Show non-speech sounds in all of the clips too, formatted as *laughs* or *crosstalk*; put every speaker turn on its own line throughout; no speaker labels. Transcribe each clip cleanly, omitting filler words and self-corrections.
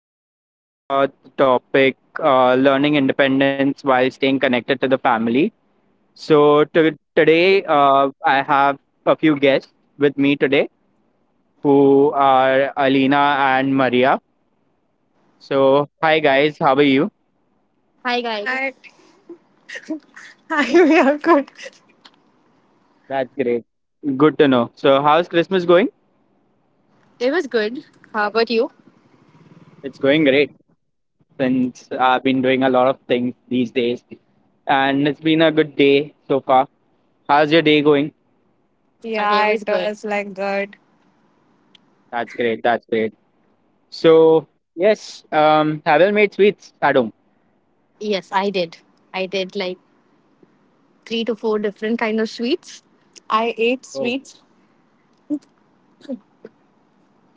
Today we are going to talk about the topic learning independence while staying connected to the family. So today I have a few guests with me today who are Alina and Maria. So, hi guys, how are you?
Hi guys. Hi, *laughs* we are good.
That's great. Good to know. So, how's Christmas going?
It was good. How about you?
It's going great since I've been doing a lot of things these days, and it's been a good day so far. How's your day going?
Yeah, okay, it was it good. Was like good.
That's great. That's great. So, yes, have you made sweets at home?
Yes, I did. I did like three to four different kind of sweets. I ate
Oh,
sweets.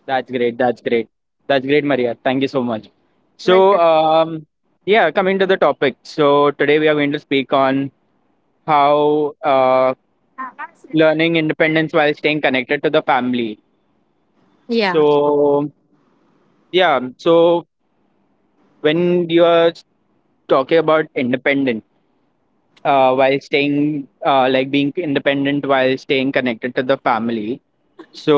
that's great. That's great. That's great, Maria. Thank you so much.
Like
So,
it.
um, yeah, coming to the topic. So, today we are going to speak on how learning independence while staying connected to the family.
Yeah.
So, yeah, so when you are talking about independent, while staying, like being independent while staying connected to the family, so,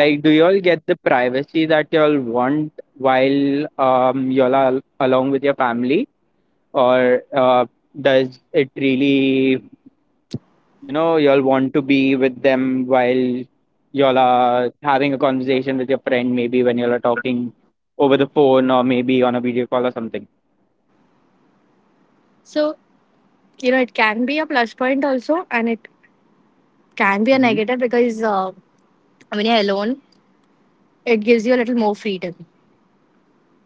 like, do y'all get the privacy that y'all want while y'all are along with your family, or does it really, y'all want to be with them while y'all are having a conversation with your friend, maybe when y'all are talking over the phone or maybe on a video call or something?
So you know it can be a plus point also, and it can be a
Hmm.
negative because when you're alone, it gives you a little more freedom.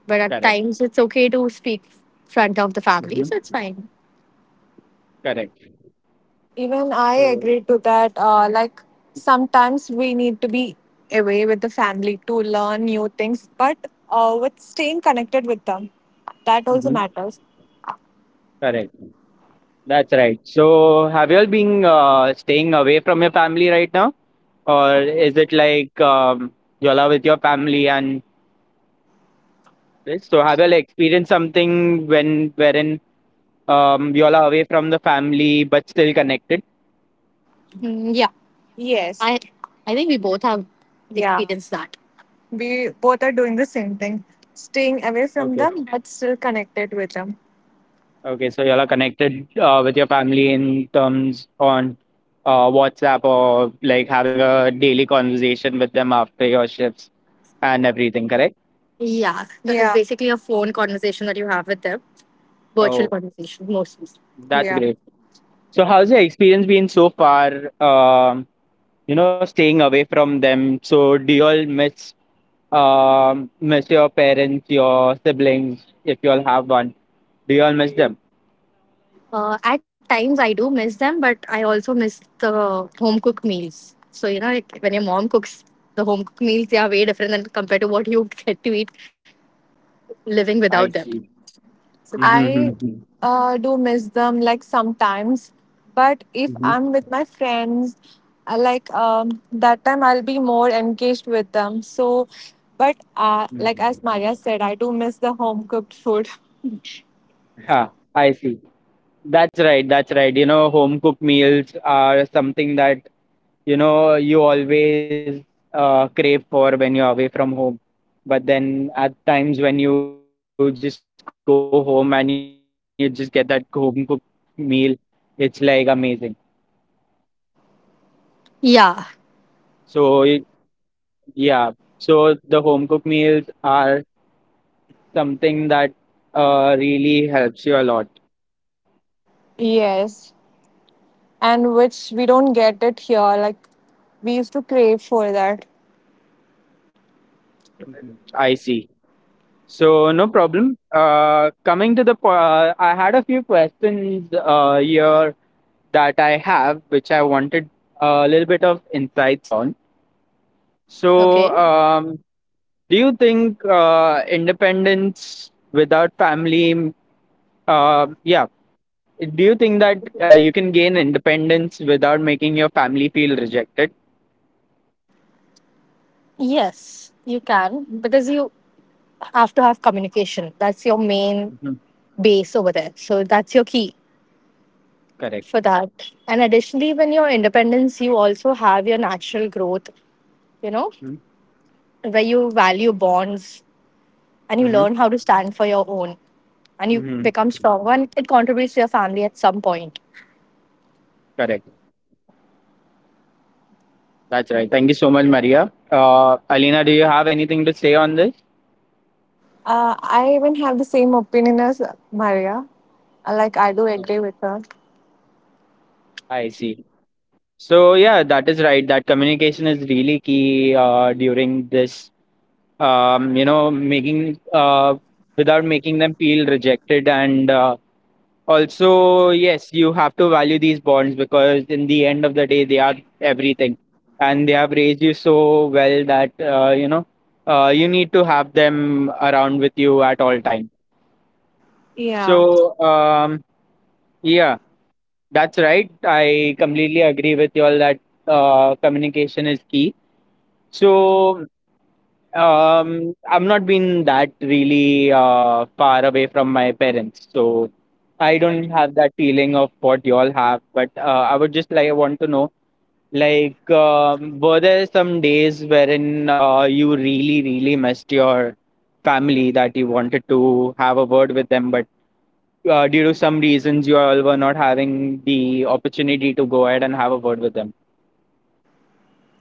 But at
Correct.
times, it's okay to speak front of the family, so it's
Hmm.
fine.
Correct.
Even I
So,
agree to that. Like sometimes we need to be away with the family to learn new things, but with staying connected with them, that also
mhm,
matters.
correct. That's right. So, have you all been staying away from your family right now? Or is it like you all are with your family and this? So, have you all experienced something when wherein you all are away from the family but still connected?
Mm, yeah, Yes. I think we both have, yeah, experienced that. We both are doing the same thing, staying away from
Okay.
them but still connected with them.
Okay. So, you all are connected with your family in terms on WhatsApp or like having a daily conversation with them after your shifts and everything, correct?
Yeah, this is, yeah, basically a phone conversation that you have with them, virtual
Oh,
conversation mostly.
that's
Yeah.
great. So, how's your experience been so far? Um, you know, staying away from them. So, do you all miss your parents, your siblings, if you all have one? Do you all miss them?
At times I do miss them, but I also miss the home cooked meals. So you know, like when your mom cooks the home cooked meals, they are way different than compared to what you *laughs* get to eat living without
I
them.
see.
So
Mm-hmm.
I
Mm-hmm.
uh, do miss them like sometimes, but if I'm with my friends, I like that time I'll be more engaged with them. So, but like as
Mm-hmm.
Maya said, I do miss the home cooked food.
Yeah, I see. That's right, that's right. You know, home cooked meals are something that, you know, you always crave for when you're away from home. But then at times when you just go home and you just get that home cooked meal, it's like amazing. So, y-
Yeah, *laughs*
yeah. So the home cooked meals are something that really helps you a lot.
yes. And which we don't get it here. Like we used to crave for that.
Mhm. I see. So no problem. Coming to the, po- I had a few questions here that I have, which I wanted a little bit of insights on.
Okay.
So, um, do you think independence without family, uh, yeah, do you think that you can gain independence without making your family feel rejected?
Yes, you can because you have to have communication. That's your main
Hmm.
base over there. So that's your key
Correct.
for that. And additionally, when your independence, you also have your natural growth, you know, where you value bonds and you
Mm-hmm.
learn how to stand for your own and you become
Hmm.
stronger and it contributes to your family at some point.
Correct. That's right. Thank you so much, Maria. Alina, do you have anything to say on this?
I even have the same opinion as Maria. Like I do
No.
agree with her.
I see. So yeah, that is right. That communication is really key during this you know, making without making them feel rejected. And Also, yes, you have to value these bonds because in the end of the day, they are everything, and they have raised you so well that you know you need to have them around with you at all time.
Yeah.
So um, yeah, that's right. I completely agree with you all that communication is key. So um, I've not been that really far away from my parents, so I don't have that feeling of what y'all have. But I would just like want to know, like, were there some days wherein you really, really missed your family that you wanted to have a word with them, but due to some reasons, you all were not having the opportunity to go ahead and have a word with them.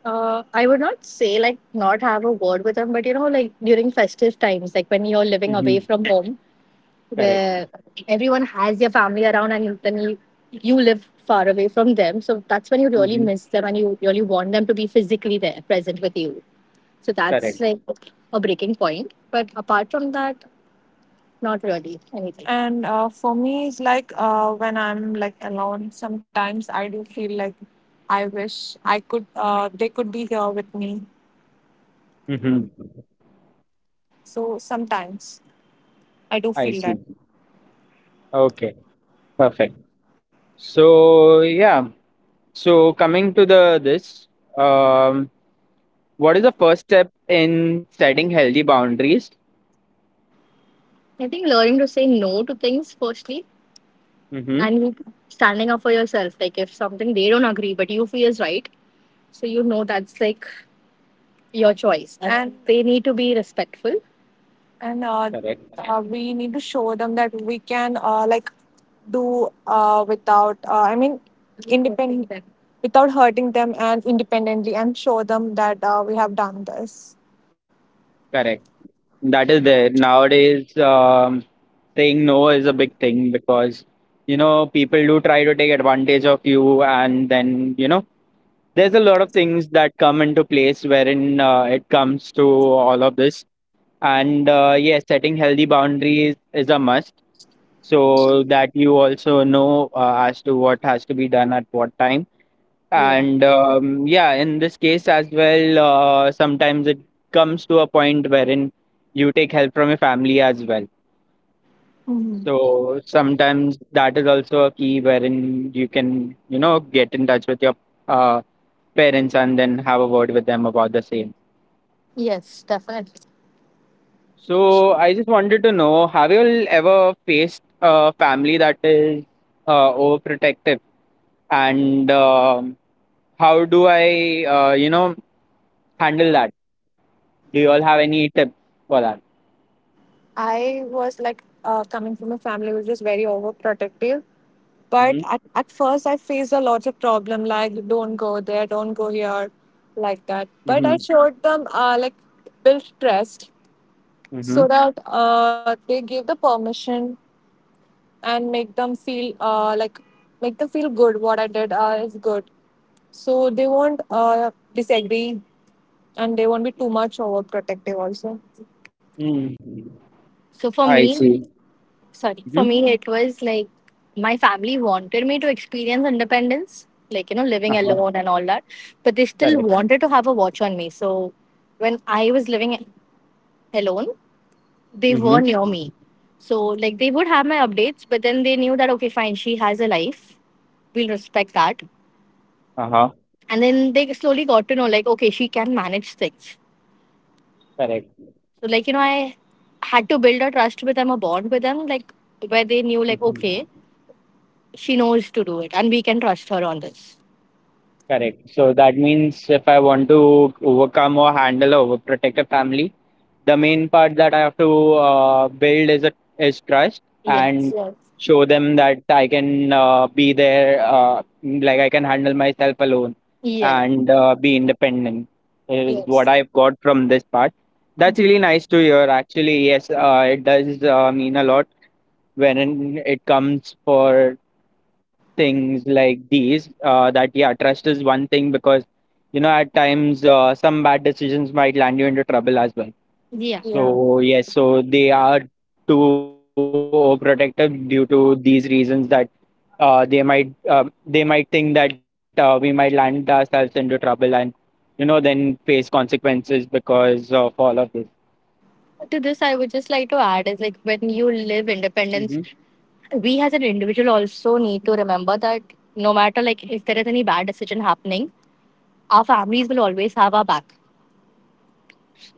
I would not say like not have a word with them, but you know, like during festive times, like when you're living away
Mm-hmm.
from home,
Correct.
where everyone has their family around and then you live far away from them. So that's when you really
Mm-hmm.
miss them and you really want them to be physically there, present with you. So that's
Correct.
like a breaking point. But apart from that, not really anything. And for me, it's like when I'm like alone, sometimes I do feel like I wish I could, they could be here with me.
Mm-hmm.
So sometimes I do
I
feel
see.
that.
Okay. Perfect. So yeah. So coming to the this, um, what is the first step in setting healthy boundaries?
I think learning to say no to things firstly
Mm-hmm.
and standing up for yourself. Like if something they don't agree but you feel is right, so you know that's like your choice. And they need to be respectful. And
Correct.
We need to show them that we can like do without independent without hurting them and independently and show them that we have done this.
Correct. That is there nowadays. Saying no is a big thing because you know people do try to take advantage of you, and then you know there's a lot of things that come into place wherein it comes to all of this. And yes, setting healthy boundaries is a must so that you also know as to what has to be done at what time
Yeah.
and yeah, in this case as well sometimes it comes to a point wherein you take help from your family as well,
Mhm.
so sometimes that is also a key wherein you can you know get in touch with your uh, parents and then have a word with them about the same.
Yes, definitely.
So I just wanted to know, have you all ever faced a family that is overprotective and um, how do I, you know, handle that? Do you all have any tips for that?
I was like coming from a family which was very overprotective. But
Mm-hmm.
at first, I faced a lot of problem like, don't go there, don't go here, like that. But I
Mm-hmm.
showed them, like, built trust
Mm-hmm.
so that they gave the permission and make them feel like make them feel good what I did is good, so they won't disagree and they won't be too much overprotective also.
Mm.
So for
I
me,
see.
sorry, for
Mm-hmm.
me, it was like my family wanted me to experience independence, like, you know, living
Uh-huh.
alone and all that, but they still
Correct.
wanted to have a watch on me. So when I was living alone, they were
Mm-hmm.
near me. So, like, they would have my updates, but then they knew that, okay, fine, she has a life. We'll respect that.
Uh-huh.
And then they slowly got to know, like, okay, she can manage things.
Correct.
So, like, you know, I had to build a trust with them, a bond with them, like, where they knew, like,
Hmm.
okay, she knows to do it and we can trust her on this.
Correct. So that means if I want to overcome or handle or protect a family, the main part that I have to build is a, is trust,
Yes.
and
Yes.
show them that I can be there, like I can handle myself alone
Yes.
and be independent. Is what
Yes.
I've got from this part. That's really nice to hear. Actually, yes, it does mean a lot when it comes for things like these. That yeah, trust is one thing because you know at times some bad decisions might land you into trouble as well.
Yeah. Yeah.
So yes, so they are too overprotective due to these reasons that they might um, they might think that we might land ourselves into trouble and you know then face consequences because of all of this.
To this, I would just like to add is like when you live independence,
Hmm.
we as an individual also need to remember that no matter like if there is any bad decision happening, our families will always have our back.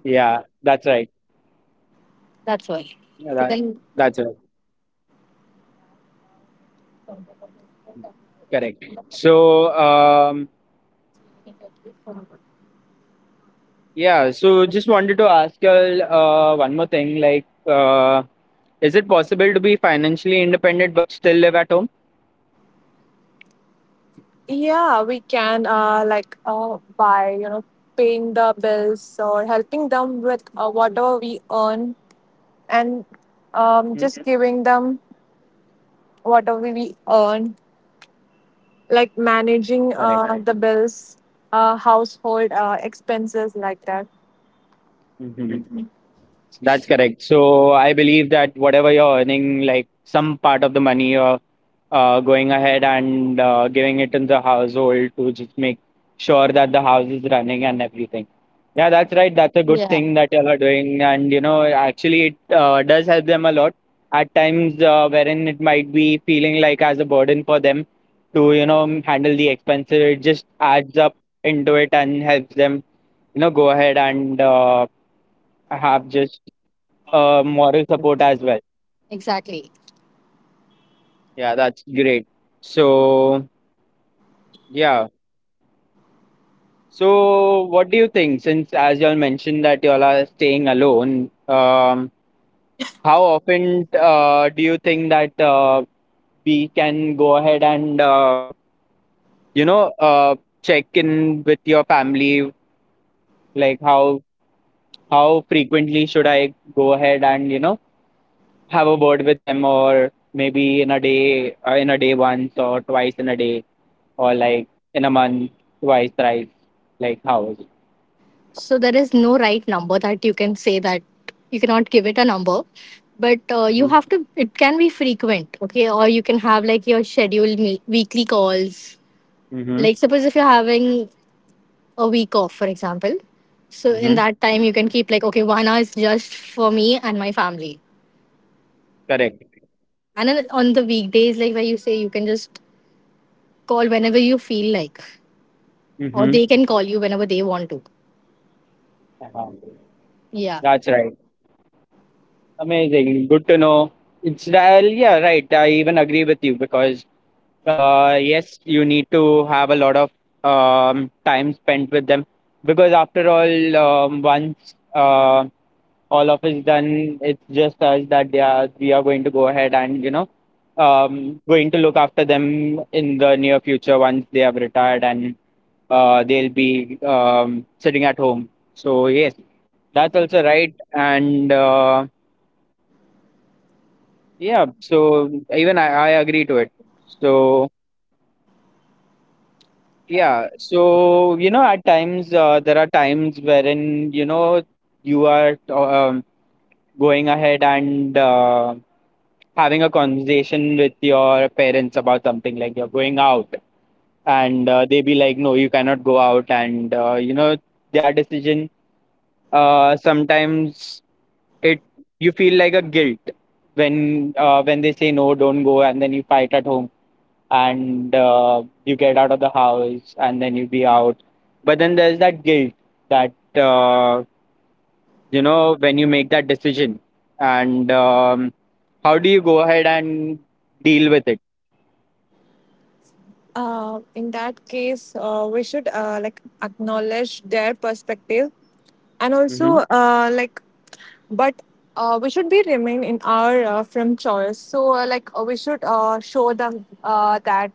Yeah, that's right.
That's why.
Yeah,
So
that
then,
that's right. Correct. So, um, yeah, so just wanted to ask you one more thing. Like, is it possible to be financially independent but still live at home?
yeah, we can like by you know paying the bills or helping them with whatever we earn and
Hmm?
just giving them whatever we earn, like managing
Correct.
the bills, household expenses like that.
Mhm. That's correct. So I believe that whatever you're earning, like some part of the money you're going ahead and giving it in the household to just make sure that the house is running and everything. Yeah, that's right. That's a good
Yeah,
thing that you are doing, and you know, actually, it does help them a lot at times wherein it might be feeling like as a burden for them to you know handle the expenses. It just adds up into it and helps them you know go ahead and I have just moral support as well.
exactly.
Yeah, that's great. So, yeah. So, what do you think? Since, as y'all mentioned, that y'all are staying alone, how often do you think that we can go ahead and, you know, check in with your family? Like, how frequently should I go ahead and, you know, have a word with them, or maybe in a day once or twice in a day, or like in a month twice thrice, like how is it?
So there is no right number that you can say that you cannot give it a number, but you
Mhm.
have to. It can be frequent, okay, or you can have like your scheduled weekly calls,
Mhm.
like suppose if you're having a week off for example, so in
Mhm.
that time you can keep like okay 1 hour is just for me and my family,
Correct.
and then on the weekdays like where you say you can just call whenever you feel like, or
Mhm.
they can call you whenever they want to.
Uh-huh.
Yeah.
That's right. Amazing. Good to know. It's yeah, right. I even agree with you because yes, you need to have a lot of time spent with them because after all, once um, all of is done. It's just us that they are, we are going to go ahead and you know going to look after them in the near future once they have retired and they'll be sitting at home. So yes, that's also right. And Yeah, so even I agree to it. So yeah, so you know at times there are times wherein you know you are going ahead and having a conversation with your parents about something like you're going out and they be like no you cannot go out and you know their decision sometimes it you feel like a guilt when they say no don't go and then you fight at home and you get out of the house and then you be out, but then there's that guilt that you know when you make that decision, and how do you go ahead and deal with it?
In that case, we should like acknowledge their perspective and also
Mhm,
like, but we should be remain in our from choice. So like we should show them that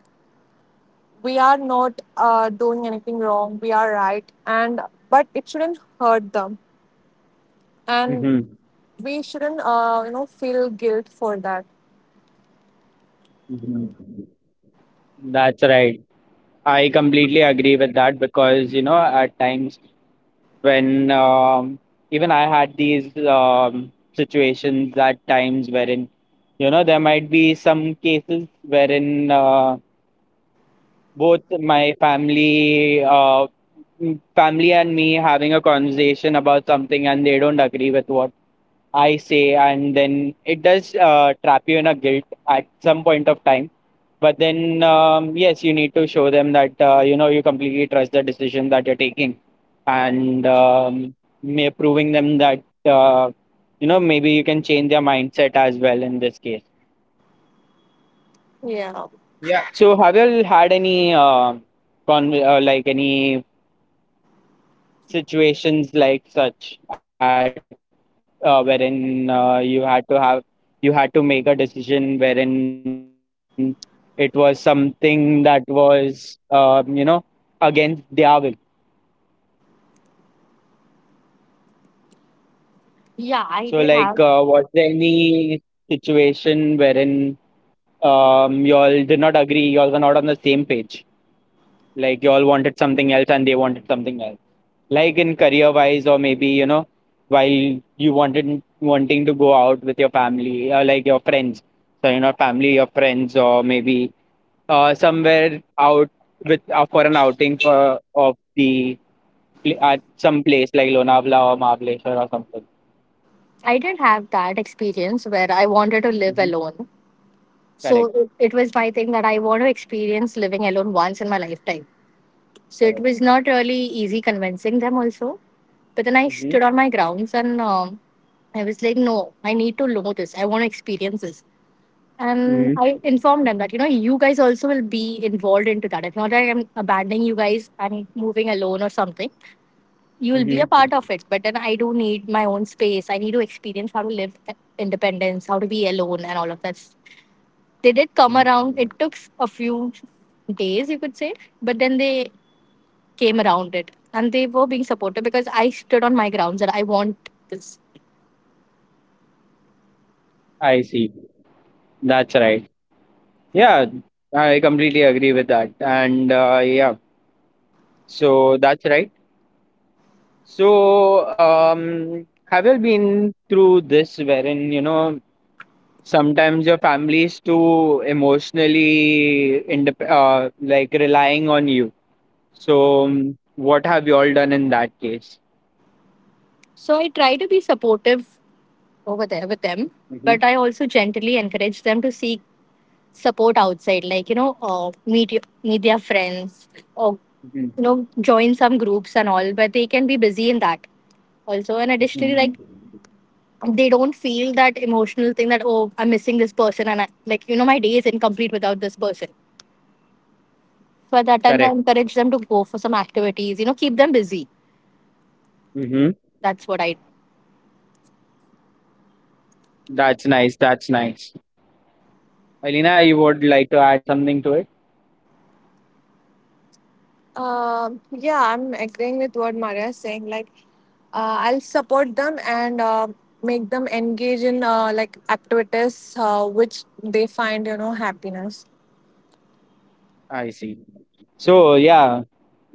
we are not doing anything wrong, we are right, and but it shouldn't hurt them, and
mhm,
we shouldn't you know feel guilt for that.
mhm. That's right. I completely agree with that because, you know, at times when even I had these situations at times wherein, you know, there might be some cases wherein both my family, family and me having a conversation about something, and they don't agree with what I say, and then it does trap you in a guilt at some point of time. But then, yes, you need to show them that you know you completely trust the decision that you're taking, and may proving them that you know maybe you can change their mindset as well in this case.
Yeah.
So, have you all had any like any situations like such at wherein you had to make a decision wherein it was something that was you know against their will
Yeah, I
so
did
like
have
was there any situation wherein y'all did not agree, y'all were not on the same page, like y'all wanted something else and they wanted something else, like in career wise or maybe you know while you wanted wanting to go out with your family, like your friends, so you know family, your friends, or maybe somewhere out with for an outing for of the at some place like Lonavala or Mahabaleshwar or something.
I did have that experience where I wanted to live
Hmm.
alone. So it,
Correct.
it was my thing that I want to experience living alone once in my lifetime. So it was not
Correct.
really easy convincing them also. But then I stood on my
Hmm.
grounds and I was like, no, I need to know this. I want to experience this. And
Hmm.
I informed them that you know you guys also will be involved into that. It's not that I'm abandoning you guys. I'm moving alone or something. You will be a part of it. But then I do need my own space. I need to experience how to live independence, how to be alone, and all of that. They did come around. It
Hmm.
took a few days, you could say, but then they came around it and they were being supportive because I stood on my grounds that I want this.
I see. That's right. Yeah, I completely agree with that. And yeah, so that's right. So, have you been through this wherein, you know, sometimes your family is too emotionally indep like relying on you. So, what have you all done in that case?
So I try to be supportive over there with them,
Hmm.
but I also gently encourage them to seek support outside, like you know meet their friends or
Hmm.
you know join some groups and all, but they can be busy in that also. And additionally like
Hmm.
they don't feel that emotional thing that oh I'm missing this person and like you know my day is incomplete without this person, so at that time I
Correct.
encourage them to go for some activities, you know, keep them busy.
Hmm.
That's what I.
That's nice. That's nice. Alina, you would like to add something to it?
Yeah, I'm agreeing with what Maria is saying. Like, I'll support them and make them engage in like activities which they find, you know, happiness.
I see. So, yeah.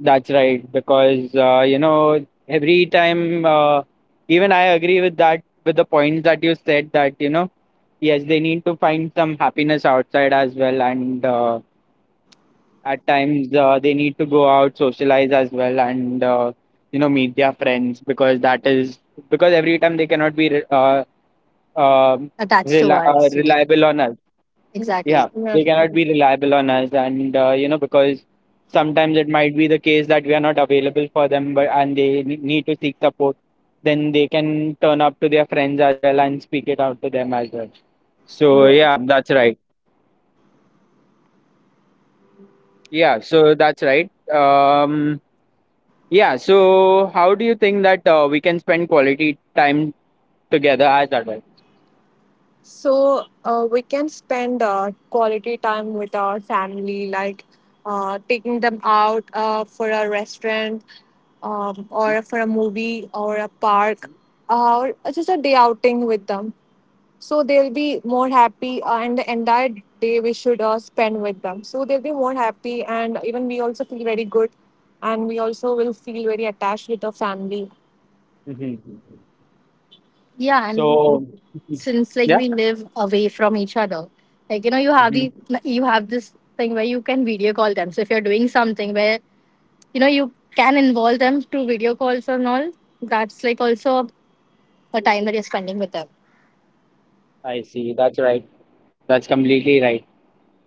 That's right, because you know every time, even I agree with that, with the points that you said, that you know yes, they need to find some happiness outside as well, and at times they need to go out, socialize as well, and you know meet their friends, because that is because every time they cannot be uh,
Attached to us. Like
reliable on us.
exactly.
Yeah,
Yeah.
they cannot be reliable on us, and you know because sometimes it might be the case that we are not available for them, but and they need to seek support. Then they can turn up to their friends as well and speak it out to them as well. So yeah, that's right. Yeah, so that's right. Yeah. So how do you think that we can spend quality time together as adults?
So we can spend quality time with our family, like taking them out for a restaurant, or for a movie or a park, or just a day outing with them. So they'll be more happy, and the entire day we should spend with them so they'll be more happy and even we also feel very good, and we also will feel very attached with our family.
Mhm.
Yeah, and
So *laughs*
since like
yeah.
we live away from each other, like you know,
Hmm.
you have this thing where you can video call them. So if you're doing something where you know you can involve them through video calls and all, that's like also a time that you're spending with them.
I see. That's right. That's completely right.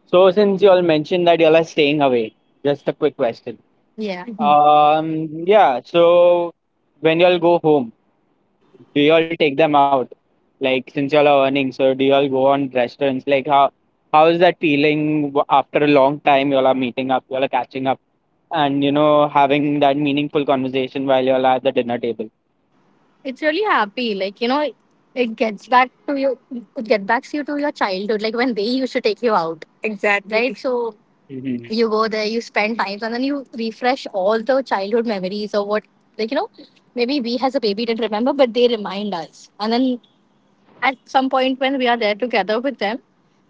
So since you all mentioned that you all are staying away, just a quick question.
Yeah.
Yeah. So when you all go home, do you all take them out? Like since you all are earning, so do you all go on restaurants? Like how is that feeling after a long time? You all are meeting up, you all are catching up, and you know having that meaningful conversation while you all are at the dinner table.
It's really happy. Like, you know, it gets back to you it get back to you to your childhood, like when they used to take you out. Exactly. Right? So
Mm-hmm.
you go there, you spend time and then you refresh all the childhood memories or what, like, you know, maybe we as a baby didn't remember, but they remind us. And then at some point when we are there together with them,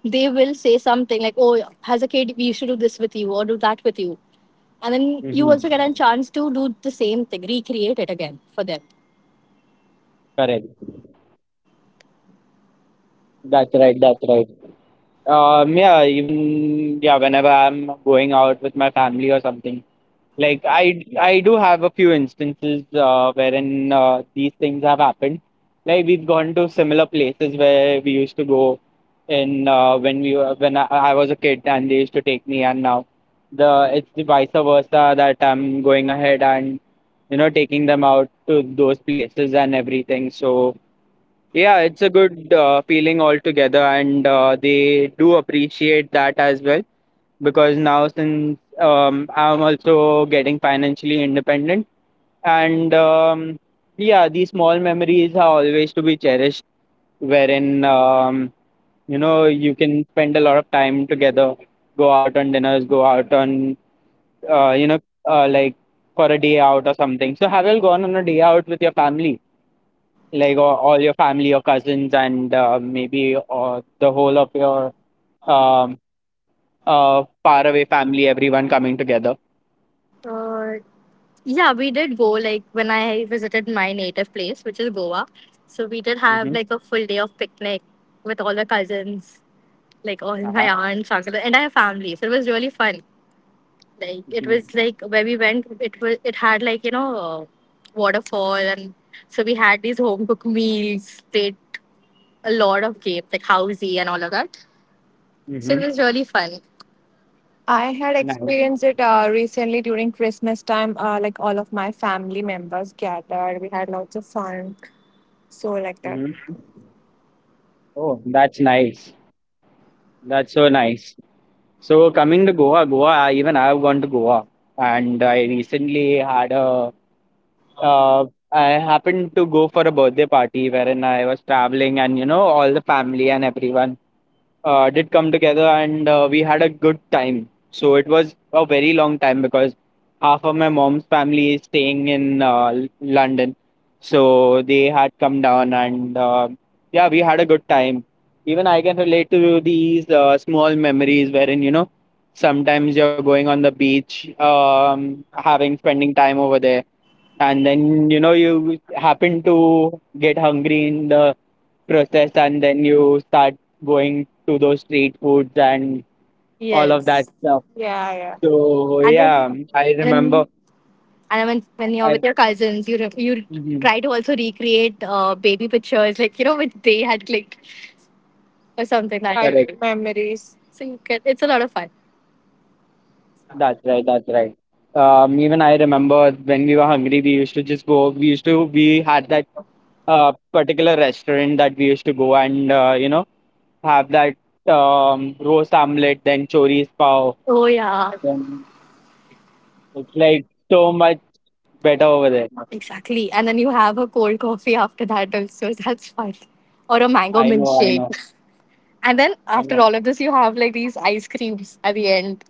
they will say something like, oh, as a kid we used to do this with you or do that with you. And then you
Mm-hmm.
also get a chance to do the same thing, recreate it again for them.
Correct. That's right. That's right. Yeah. Even yeah. Whenever I'm going out with my family or something. Like I do have a few instances wherein these things have happened. Like we've gone to similar places where we used to go in when we were when I was a kid and they used to take me, and now the it's the vice versa, that I'm going ahead and you know taking them out to those places and everything. So yeah, it's a good feeling altogether, and they do appreciate that as well, because now since I'm also getting financially independent, and yeah, these small memories are always to be cherished, wherein you know you can spend a lot of time together, go out on dinners, go out on you know like for a day out or something. So have you all gone on a day out with your family? Like all your family, your cousins, and maybe or the whole of your um, faraway family, everyone coming together.
Uh, Yeah, we did go like when I visited my native place, which is Goa. So we did have like a full day of picnic with all the cousins, like all *laughs* my
Uh-huh.
aunts, uncles, and our family. So it was really fun. Like it
Mhm.
was like where we went, it was it had like you know waterfall, and so we had these home cooked meals, played a lot of games like housey and all of that. So it
Mhm.
was really fun. I had
Nice.
experienced it recently during Christmas time. Like all of my family members gathered, we had lots of fun. So like that.
Mhm. Oh, that's nice. That's so nice. So coming to Goa, even I have gone to Goa, and I recently had a. Uh, I happened to go for a birthday party wherein I was traveling, and you know all the family and everyone did come together, and we had a good time. So it was a very long time because half of my mom's family is staying in London. So they had come down, and yeah, we had a good time. Even I can relate to these small memories wherein, you know, sometimes you're going on the beach, having spending time over there, and then you know you happen to get hungry in the process, and then you start going to those street foods and all of that
Yes.
stuff.
Yeah, yeah.
So
And then
yeah, I
and
remember.
then and then when you're
I
with your cousins, you
mhm,
try to also recreate baby pictures, like you know which they had clicked or something that
correct.
childhood way memories. So you get it's a lot of fun.
That's right, that's right. Even I remember when we were hungry, we used to we had that particular restaurant that we used to go, and you know have that roast omelet, then choris pav,
Oh yeah,
then it's like so much better over there.
exactly. And then you have a cold coffee after that also. *laughs* That's fun. Or a mango
I know, I
milkshake.
know,
And then
I
after
know.
all of this, you have like these ice creams at the end.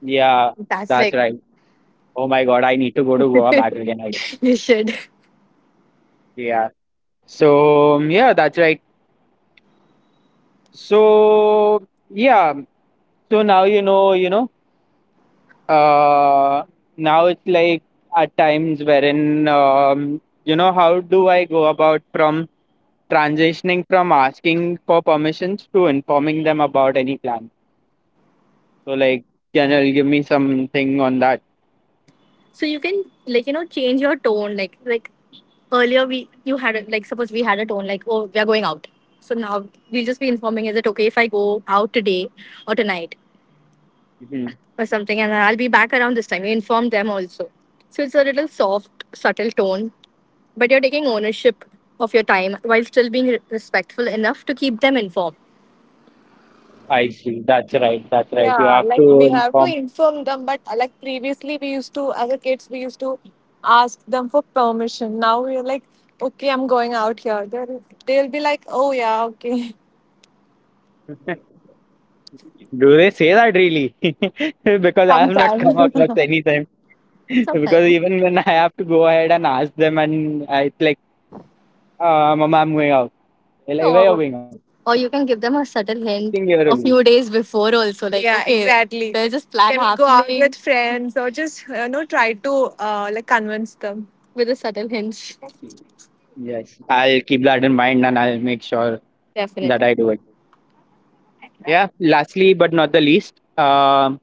Yeah,
That's
that's
like
right. Oh my god, I need to go to Goa back again, I guess.
*laughs* you should.
Yeah. So yeah, that's right. So yeah. So now you know, you know. Uh, now it's like at times wherein you know, how do I go about from transitioning from asking for permissions to informing them about any plan? So like, can you give me something on that?
So you can like you know change your tone like earlier we like suppose we had a tone like oh we are going out, so now we'll just be informing, is it okay if I go out today or tonight
Mm-hmm.
or something, and I'll be back around this time you inform them also. So it's a little soft subtle tone, but you're taking ownership of your time while still being respectful enough to keep them informed.
I see. That's right. That's right. You
Yeah,
have
like
to
we have to
inform.
inform them, but like previously we used to, as a kids, we used to ask them for permission. Now we're like, okay, I'm going out here. They'll be like, oh yeah, okay,
Do they say that really? *laughs* because
*laughs*
I have not
sometime.
come across
*laughs*
anything. *laughs* because
Sometime.
even when I have to go ahead and ask them, and I, it's like, Mama, I'm going out. They're like, where are you
Or,
going out?
or you can give them a subtle
I think
hint
here
a
only.
few days before also, like, yeah, okay, exactly. There's this plan, can we go out happening with friends, or just you know try to like convince them? With a subtle hint.
See. Yes. I'll keep that in mind, and I'll make sure that
Definitely.
I do it. Yeah. Lastly, but not the least,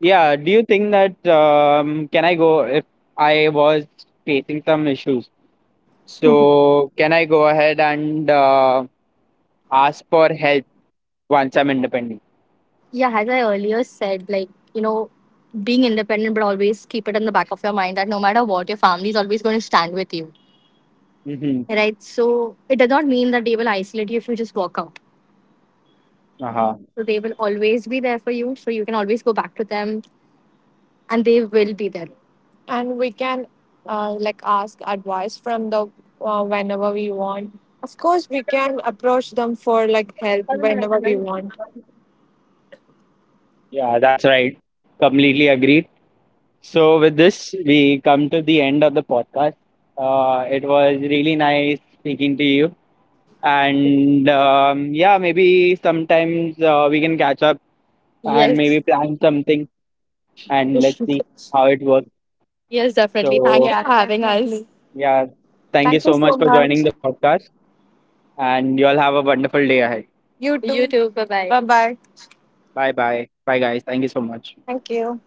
yeah. Do you think that can I go if I was facing some issues? So can I go ahead and ask for help once I'm independent?
Yeah, as I earlier said, like, you know, being independent, but always keep it in the back of your mind that no matter what, your family is always going to stand with you,
Hmm.
right? So it does not mean that they will isolate you if you just walk out.
Uh-huh.
So they will always be there for you. So you can always go back to them and they will be there. And we can like ask advice from the whenever we want. Of course we can approach them for like help whenever we want.
Yeah, that's right. Completely agreed. So with this, we come to the end of the podcast. It was really nice speaking to you, and yeah, maybe sometimes we can catch up and
Yes.
maybe plan something, and let's see
*laughs*
how it works.
Yes, definitely. Thank you,
So
yeah, for having us. Definitely.
yeah, thank you
Thank you
so much
so
for joining
much.
the podcast, and you all have a wonderful day ahead.
You too. You too. Bye bye. Bye bye.
Bye bye. Bye guys. Thank you so much.
Thank you.